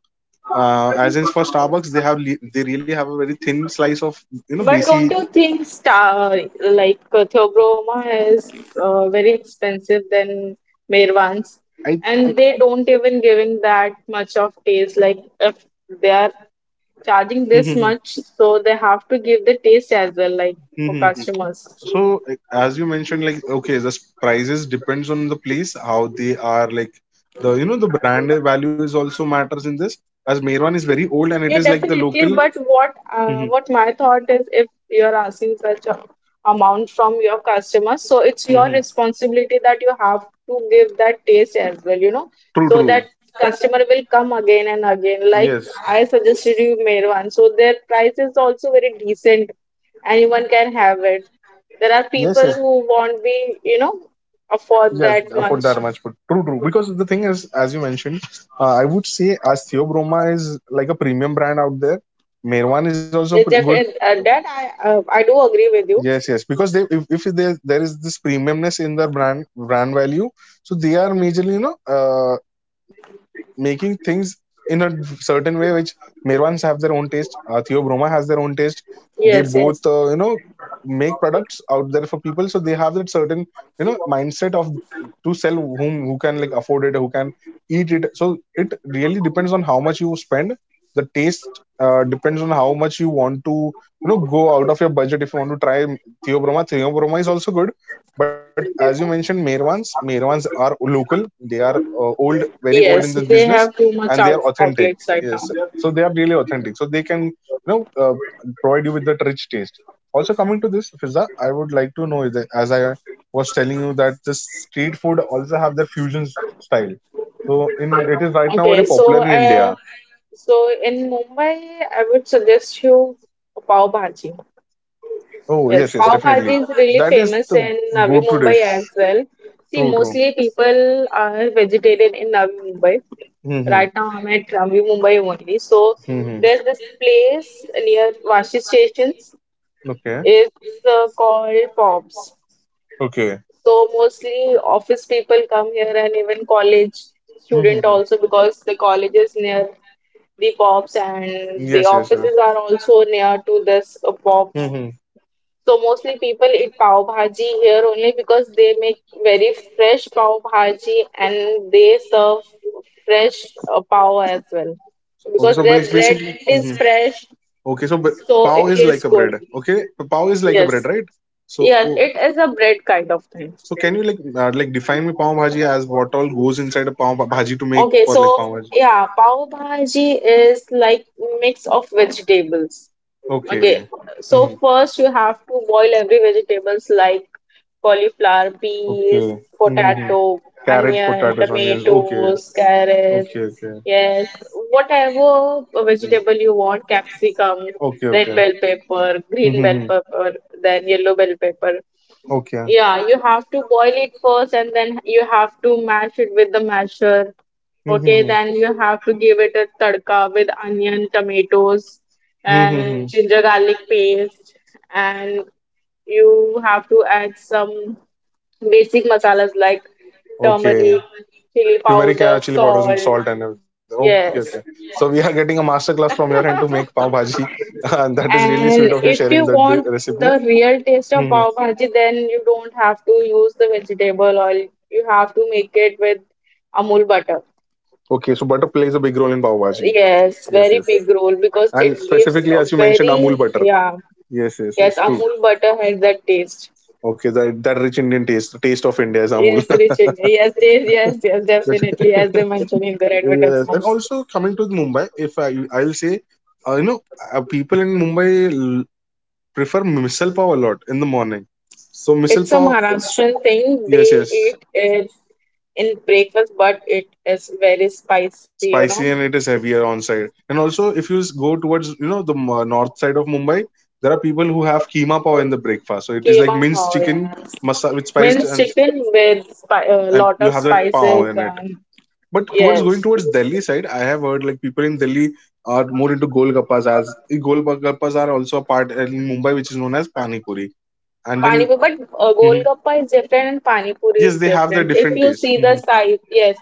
S1: as in for starbucks they have they really have a very thin slice of you know
S2: But
S1: basic
S2: don't you think star like Theobroma is very expensive than Mirvans,
S1: i, I
S2: and they don't even giving that much of taste. Like if they are charging
S1: *laughs*
S2: this
S1: mhm,
S2: much, so they have to give the taste as well, like for
S1: mhm, mhm.
S2: customers.
S1: So as you mentioned, like okay the s- prices depends on the place how they are like the you know the brand value is also matters in this as Merwan is very old and it is
S2: Yeah,
S1: like the
S2: definitely.
S1: local
S2: But what uh,
S1: mhm,
S2: what my thought is, if you're asking such a amount from your customers, so it's your
S1: mhm.
S2: responsibility that you have to give that taste as well, you know,
S1: True,
S2: so
S1: true.
S2: that customer will come again and again. Like
S1: Yes,
S2: I suggested you, Merwan. So their price is also very decent. Anyone can have it.
S1: yes,
S2: There are
S1: yes.
S2: people who won't be, you know,
S1: Yes,
S2: afford that
S1: afford that
S2: much.
S1: much, but true, true. Because the thing is, as you mentioned, I would say as Theobroma is like a premium brand out there, Merwan is also pre-
S2: It's
S1: good.
S2: definitely that I do agree with you.
S1: Yes, yes, because they if there is this premiumness in their brand value, so they are majorly you know making things in a certain way which Mirwans have their own taste, Theo Broma has their own taste. They both,
S2: Yes,
S1: you know,
S2: yes.
S1: make products out there for people, so they have that certain, you know, mindset of to sell whom who can like afford it, who can eat it. So it really depends on how much you spend. The taste depends on how much you want to, you know, go out of your budget if you want to try Theo Broma. Theo Broma is also good, but as you mentioned, Merwans, Merwans are local. They are old, very old in
S2: Yes,
S1: this
S2: they
S1: business,
S2: have too
S1: and
S2: much
S1: they are authentic.
S2: outlets right
S1: Yes,
S2: now.
S1: so they are really authentic. So they can, you know, provide you with that rich taste. Also, coming to this, Fiza, I would like to know that, as I was telling you, that the street food also have their fusion style. So in it is right now
S2: Okay,
S1: very popular in India.
S2: so in Mumbai, I would suggest you pav bhaji.
S1: Oh
S2: Yes,
S1: yes, yes,
S2: pav bhaji
S1: definitely.
S2: is really
S1: That is
S2: famous in
S1: the
S2: Navi
S1: go-to
S2: Mumbai
S1: dish.
S2: as well. See,
S1: True, true.
S2: mostly people are vegetarian in Navi Mumbai.
S1: Mm-hmm.
S2: Right now, I'm at Navi Mumbai only. So
S1: Mm-hmm.
S2: there's this place near Vashi stations.
S1: Okay.
S2: It's called Pops.
S1: Okay.
S2: So mostly office people come here and even college student
S1: Mm-hmm.
S2: also because the college is near the pops and the
S1: Yes, yes, yes.
S2: offices are also near to this pops.
S1: Mm-hmm.
S2: So mostly people eat pav bhaji here only because they make very fresh pav bhaji and they serve fresh pav as well
S1: Okay,
S2: because
S1: so
S2: their
S1: bas-
S2: bread
S1: basically,
S2: is
S1: hmm,
S2: fresh,
S1: okay, so ba-
S2: so it
S1: pav
S2: tastes
S1: is like
S2: good.
S1: a bread. Okay, so pav is
S2: Yes,
S1: like a bread, right? So,
S2: yes,
S1: oh,
S2: it is a bread kind of thing.
S1: so, can you like define me pav bhaji as what all goes inside a pav bhaji to make
S2: Okay,
S1: for
S2: so
S1: like pav bhaji?
S2: yeah, pav bhaji is like mix of vegetables. Okay,
S1: Okay.
S2: so
S1: Hmm.
S2: first you have to boil every vegetables like cauliflower, peas,
S1: Okay. Mm-hmm.
S2: potato,
S1: Carrots,
S2: onion,
S1: potatoes, onions. Okay.
S2: tomatoes, carrots.
S1: Okay. Okay.
S2: Yes, whatever
S1: Mm.
S2: vegetable you want, capsicum,
S1: Okay,
S2: red
S1: okay.
S2: bell pepper, green bell
S1: Mm-hmm.
S2: pepper, then yellow bell pepper.
S1: Okay.
S2: Yeah, you have to boil it first and then you have to mash it with the masher. Okay,
S1: Mm-hmm.
S2: then you have to give it a tadka with onion, tomatoes, and
S1: Mm-hmm.
S2: ginger garlic paste. And you have to add some basic masalas like
S1: Okay.
S2: turmeric, chili
S1: Turmeric,
S2: powder,
S1: chili powders, and
S2: salt.
S1: salt, and everything. Okay, okay.
S2: Yes.
S1: So we are getting a master class from your end to make pav bhaji, *laughs* and that is really sweet of you
S2: And
S1: sharing that
S2: if you want
S1: recipe.
S2: the real taste
S1: Hmm.
S2: of pav bhaji, then you don't have to use the vegetable oil. You have to make it with Amul butter.
S1: Okay, so butter plays a big role in pav bhaji.
S2: Yes,
S1: Yes,
S2: very
S1: yes.
S2: big role because it
S1: And
S2: gives
S1: specifically,
S2: a
S1: as you mentioned,
S2: very
S1: Amul butter.
S2: yeah.
S1: Yes, yes,
S2: Yes,
S1: yes. True.
S2: Amul butter has that taste.
S1: Okay, that rich Indian taste, the taste of India is
S2: Yes,
S1: Amul.
S2: Richard. Yes, yes,
S1: *laughs*
S2: yes, yes,
S1: But,
S2: definitely. As they mention in their
S1: yes, and
S2: advertisements,
S1: also coming to Mumbai, if I'll say, uh, you know, people in Mumbai prefer misal pav a lot in the morning. So misal
S2: it's a
S1: pav,
S2: Maharashtrian thing.
S1: yes,
S2: They
S1: yes,
S2: eat it in breakfast, but it is very spicy. You know.
S1: spicy and it is heavier on side. And also, if you go towards the north side of Mumbai, there are people who have keema pav in the breakfast. So it is like
S2: Keema
S1: minced
S2: pav,
S1: chicken
S2: yes.
S1: masa with spiced,
S2: Minced
S1: and
S2: chicken with a
S1: and
S2: lot
S1: you
S2: of
S1: have that
S2: spices
S1: pav in it.
S2: and
S1: But towards
S2: yes.
S1: going towards Delhi side, I have heard like people in Delhi are more into golgappas as golgappas are also a part in Mumbai, which is known as pani puri. And
S2: Pani puri,
S1: then,
S2: but
S1: hmm,
S2: golgappa is different and pani puri
S1: yes,
S2: is
S1: they have their
S2: different. If
S1: different
S2: you
S1: tastes.
S2: see the
S1: Hmm.
S2: size, yes,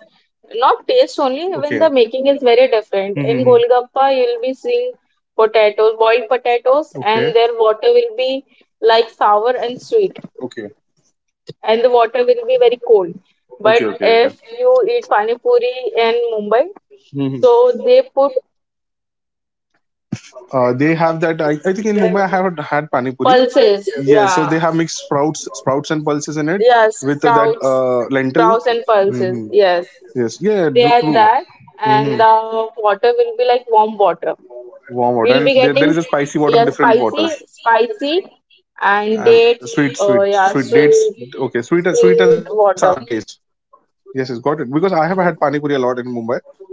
S2: not taste only, even the
S1: Okay.
S2: making is very different. In
S1: Hmm.
S2: golgappa, you will be seeing potatoes, boiled potatoes, and
S1: Okay.
S2: their water will be like sour and sweet,
S1: Okay.
S2: and the water will be very cold.
S1: Okay.
S2: But
S1: Okay.
S2: if you eat pani puri in Mumbai,
S1: Mm-hmm.
S2: so they put
S1: They have that. I think in Mumbai I have had pani puri.
S2: pulses,
S1: Pulses. Yes, so
S2: yeah.
S1: they have mixed sprouts and pulses in it
S2: Yeah,
S1: with that
S2: sprouts, sprouts
S1: lentil.
S2: and pulses,
S1: Hmm.
S2: yes.
S1: Yes,
S2: They
S1: yeah,
S2: add
S1: true,
S2: that,
S1: true.
S2: and
S1: Hmm.
S2: the water will be like warm water.
S1: Warm water,
S2: We'll
S1: and
S2: be
S1: there
S2: getting,
S1: is a spicy
S2: yeah,
S1: water and different
S2: spicy,
S1: waters,
S2: spicy, and
S1: and
S2: dates,
S1: sweet, sweet,
S2: yeah,
S1: sweet
S2: sweet,
S1: dates. Okay, sweet, and sweet and
S2: sweet
S1: sour
S2: water.
S1: taste. Yes, yes, got it. Because I have had pani
S2: Yes.
S1: puri a lot in Mumbai.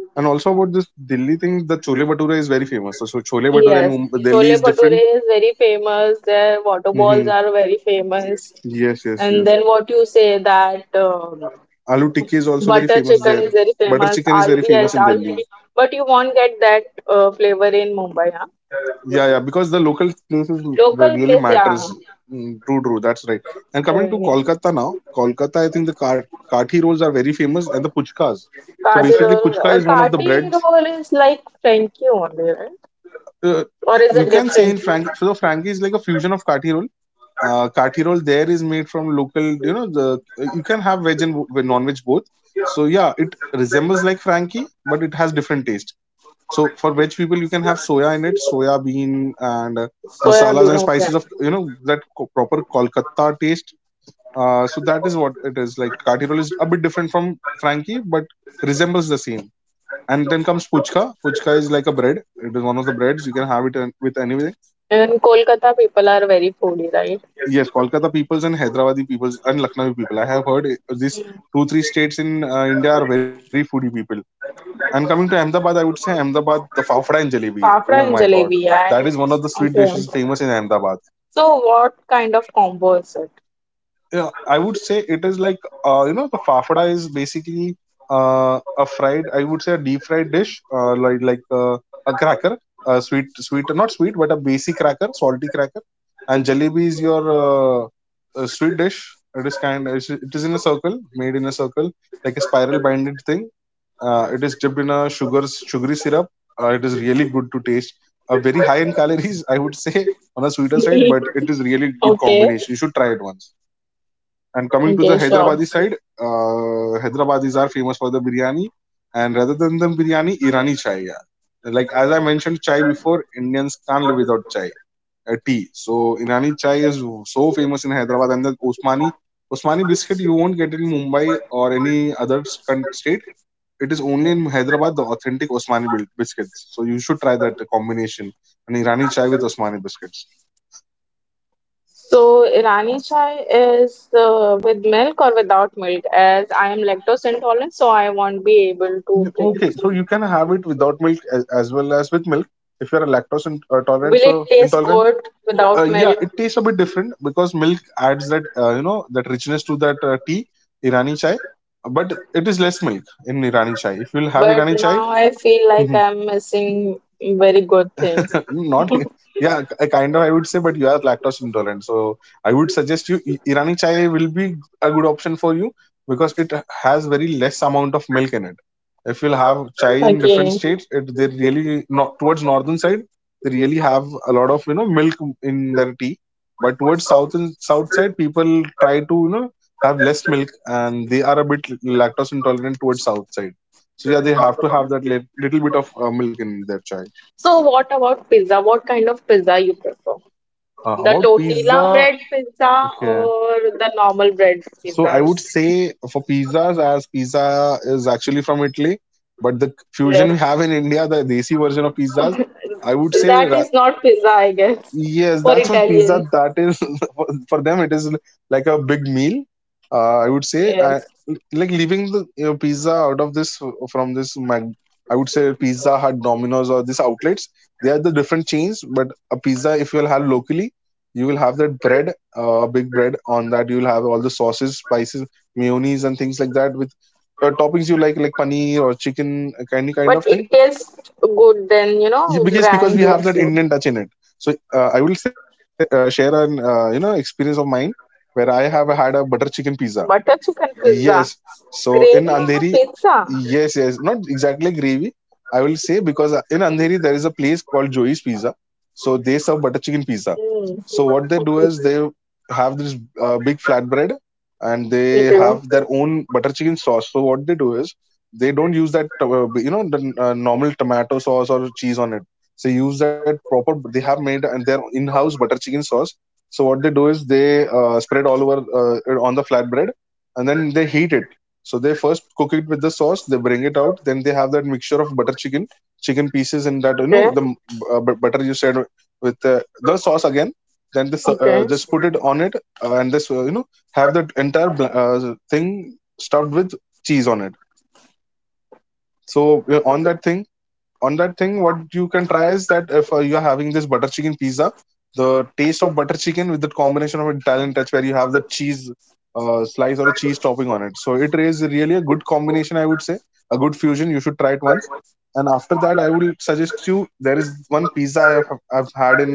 S1: And also about this Delhi thing, the chole bhature is very famous. So, chole bhature in
S2: Yes,
S1: Mumbai, Delhi
S2: chole
S1: is different.
S2: bhature is very famous. Their water
S1: Hmm.
S2: balls are very famous.
S1: Yes, yes,
S2: And
S1: yes.
S2: then what you say that?
S1: Aloo tikki is also very
S2: Butter
S1: famous
S2: chicken
S1: there.
S2: is very
S1: Butter
S2: famous.
S1: chicken is
S2: Aloo,
S1: very
S2: yes,
S1: famous in
S2: aloo tikki.
S1: Delhi.
S2: But you won't get that flavor in Mumbai, huh?
S1: Yeah, yeah, because the local places
S2: Local
S1: really
S2: place, yeah.
S1: matters. Mm, true, true. That's right. And coming to
S2: Yes.
S1: Kolkata now, Kolkata, I think the kathi rolls are very famous, and the puchkas. So
S2: Kati
S1: basically,
S2: roll.
S1: puchka is one of the
S2: Kati
S1: breads,
S2: roll is like Frankie only, right?
S1: uh,
S2: Or is
S1: you
S2: it
S1: can say in
S2: different?
S1: Frankie, so the Frankie is like a fusion of kathi roll. Kathi roll there is made from local, you know, the you can have veg and non-veg both. So yeah, it resembles like Frankie, but it has different taste. So for veg people, you can have soya in it, soya bean, and
S2: Soya
S1: masalas
S2: bean,
S1: and
S2: okay.
S1: spices of that proper Kolkata taste. So that is what it is like. Kathi roll is a bit different from Frankie, but resembles the same. And then comes puchka. Puchka is like a bread. It is one of the breads. You can have it with anything.
S2: And Kolkata people are very foodie, right?
S1: Yes, Kolkata peoples and Hyderabadi peoples and Lucknowi people. I have heard these two, three states in India are very foodie people. And coming to Ahmedabad, I would say Ahmedabad, the fafda and jalebi. Oh
S2: Fafda
S1: my
S2: and
S1: god.
S2: jalebi.
S1: That is one of the
S2: And
S1: sweet dishes
S2: okay.
S1: famous in Ahmedabad.
S2: So what kind of combo is it?
S1: Yeah, I would say it is like, the fafada is basically a fried, I would say, a deep fried dish, like a cracker, a sweet, sweet, not sweet, but a basic cracker, salty cracker, and jalebi is your sweet dish. It is kind, it is in a circle, made in a circle, like a spiral binded thing. It is dipped in a sugary syrup. It is really good to taste, very high in calories, *laughs* I would say, on a sweeter side, but
S2: *laughs*
S1: it is really good
S2: okay.
S1: combination. You should try it once. And coming to
S2: Okay,
S1: the
S2: get.
S1: Hyderabadi side, Hyderabadis are famous for the biryani, and rather than the biryani, Irani chai. Yeah. Like as I mentioned chai before, Indians can't live without chai, tea. So Irani chai is so famous in Hyderabad, and the Osmani biscuit you won't get in Mumbai or any other state. It is only in Hyderabad the authentic Osmani biscuits. So you should try that combination, an Irani chai with Osmani biscuits.
S2: So Irani chai is with milk or without milk, as I am lactose intolerant, so I won't be able to
S1: Okay,
S2: drink.
S1: so you can have it without milk as well as with milk if you are lactose in, tolerant.
S2: Will it
S1: So
S2: taste
S1: intolerant,
S2: good without
S1: yeah,
S2: milk?
S1: it tastes a bit different because milk adds that that richness to that tea, Irani chai, but it is less milk in Irani chai. If you'll have
S2: But
S1: Irani chai.
S2: now I feel like
S1: Mhm.
S2: I'm missing very good things.
S1: *laughs* Not yeah, I kind of, I would say, but you are lactose intolerant, so I would suggest you, Irani chai will be a good option for you because it has very less amount of milk in it. If you'll have chai in different
S2: Okay.
S1: states, it they really not towards northern side, they really have a lot of milk in their tea, but towards south and south side, people try to, have less milk, and they are a bit lactose intolerant towards south side. So yeah, they have to have that little bit of milk in their chai.
S2: So what about pizza? What kind of pizza you prefer? The
S1: About
S2: tortilla
S1: pizza,
S2: bread pizza
S1: okay.
S2: or the normal bread
S1: So I
S2: pizza?
S1: would say for pizzas, as pizza is actually from Italy, but the fusion
S2: Yes.
S1: we have in India, the desi version of pizzas, I would say
S2: That
S1: ra-
S2: is not pizza, I guess,
S1: Yes,
S2: for
S1: that's one pizza
S2: Italians.
S1: that is *laughs* for them. It is like a big meal. I would say,
S2: Yes.
S1: like leaving the, pizza out of this, from this mag. I would say Pizza Hut, Domino's, or these outlets. They are the different chains, but a pizza if you'll have locally, you will have that bread, a big bread. On that you will have all the sauces, spices, mayonnaise, and things like that, with toppings you like paneer or chicken, any kind
S2: But
S1: of
S2: it
S1: thing,
S2: tastes good than, you know,
S1: because
S2: brand
S1: we have
S2: gives
S1: that
S2: you.
S1: Indian touch in it. So I will say, share an experience of mine, where I have had a butter chicken pizza.
S2: Butter chicken
S1: Yes,
S2: pizza.
S1: so in
S2: Gravy on a
S1: Andheri,
S2: pizza.
S1: yes, yes, not exactly gravy. I will say because, in Andheri there is a place called Joey's Pizza. So they serve butter chicken pizza.
S2: Mm.
S1: So what they do
S2: Okay.
S1: is, they have this big flatbread, and they
S2: Okay.
S1: have their own butter chicken sauce. So what they do is, they don't use that the normal tomato sauce or cheese on it. So use that proper. They have made and their in-house butter chicken sauce. So what they do is, they spread all over, on the flatbread, and then they heat it, so they first cook it with the sauce, they bring it out, then they have that mixture of butter chicken, chicken pieces, and
S2: Ok,
S1: that the butter you said with the sauce again. Then this,
S2: ok.
S1: just put it on it, and this, have that entire thing stuffed with cheese on it. So on that thing, what you can try is that if you are having this butter chicken pizza, the taste of butter chicken with the combination of Italian touch, where you have the cheese slice or a cheese topping on it, so it is really a good combination, I would say, a good fusion. You should try it once. And after that, I would suggest you, there is one pizza I've had in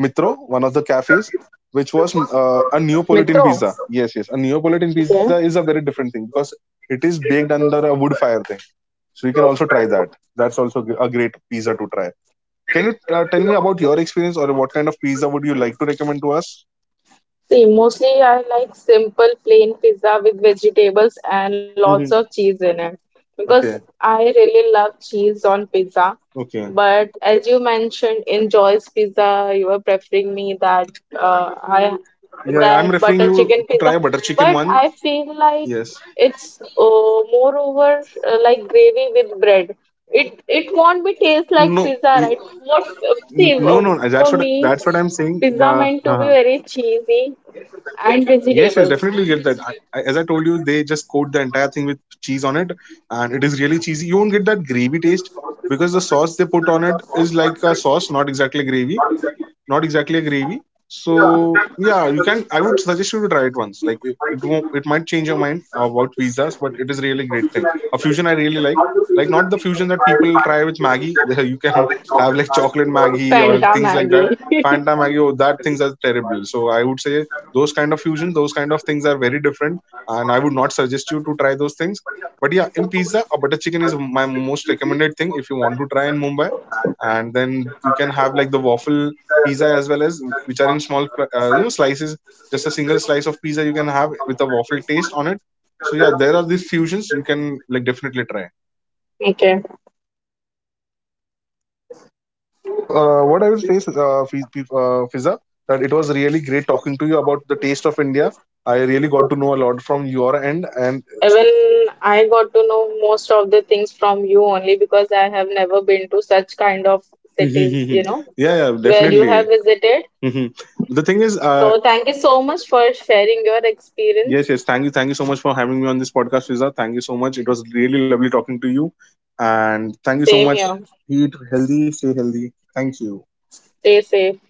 S1: Mitro, one of the cafes, which was a
S2: Metrô.
S1: Neapolitan pizza. Yes, yes, a
S2: Ok.
S1: Neapolitan pizza is a very different thing, because it is baked under a wood fire thing, so you can also try that. That's also a great pizza to try. Can you tell me about your experience, or what kind of pizza would you like to recommend to us?
S2: See, mostly I like simple plain pizza with vegetables and lots of cheese in it
S1: Okay,
S2: because I really love cheese on pizza.
S1: okay,
S2: But as you mentioned in Joy's Pizza, you were preferring me that
S1: yeah, I'm referring you
S2: I
S1: to try a butter
S2: that
S1: chicken
S2: butter
S1: one.
S2: chicken pizza.
S1: Yes,
S2: But I feel like it's moreover like gravy with bread. It
S1: no,
S2: it
S1: y-
S2: won't be taste like pizza, right?
S1: no, no,
S2: What
S1: that's what
S2: see
S1: that's what I'm saying,
S2: for
S1: the
S2: me?
S1: uh-huh.
S2: Pizza meant to be very cheesy
S1: Yes, yes,
S2: and
S1: definitely get that.
S2: vegetables.
S1: I, as I told you, they just coat the entire thing with cheese on it, and it is really cheesy. You won't get that gravy taste, because the sauce they put on it is like a sauce, not exactly a gravy. So yeah, you can. I would suggest you to try it once. Like it won't. It might change your mind about pizzas, but it is really great thing. A fusion I really like. Like not the fusion that people try with Maggi. *laughs* You can have like chocolate Maggi or things like that. Fanta
S2: *laughs*
S1: Maggi, oh, that things are terrible. So I would say those kind of fusions, those kind of things are very different, and I would not suggest you to try those things. But yeah, in pizza, a butter chicken is my most recommended thing if you want to try in Mumbai, and then you can have like the waffle pizza as well, as which are in small slices, just a single slice of pizza you can have with a waffle taste on it, so yeah, there are these fusions you can like definitely try.
S2: Okay.
S1: So what I would say, uh, Fiz- Fizza, that it was really great talking to you about the taste of India. I really got to know a lot from your end, and
S2: Even I got to know most of the things from you only because I have never been to such kind of cities, you
S1: *laughs*
S2: know,
S1: yeah, yeah,
S2: where you
S1: definitely.
S2: have visited.
S1: Mhm. The thing is.
S2: So, thank you so much for sharing your experience.
S1: Yes, yes. Thank you. Thank you so much for having me on this podcast, Fiza. Thank you so much. It was really lovely talking to you. And thank you so
S2: Same
S1: much.
S2: here.
S1: Eat healthy, stay healthy. Thank you.
S2: Stay safe.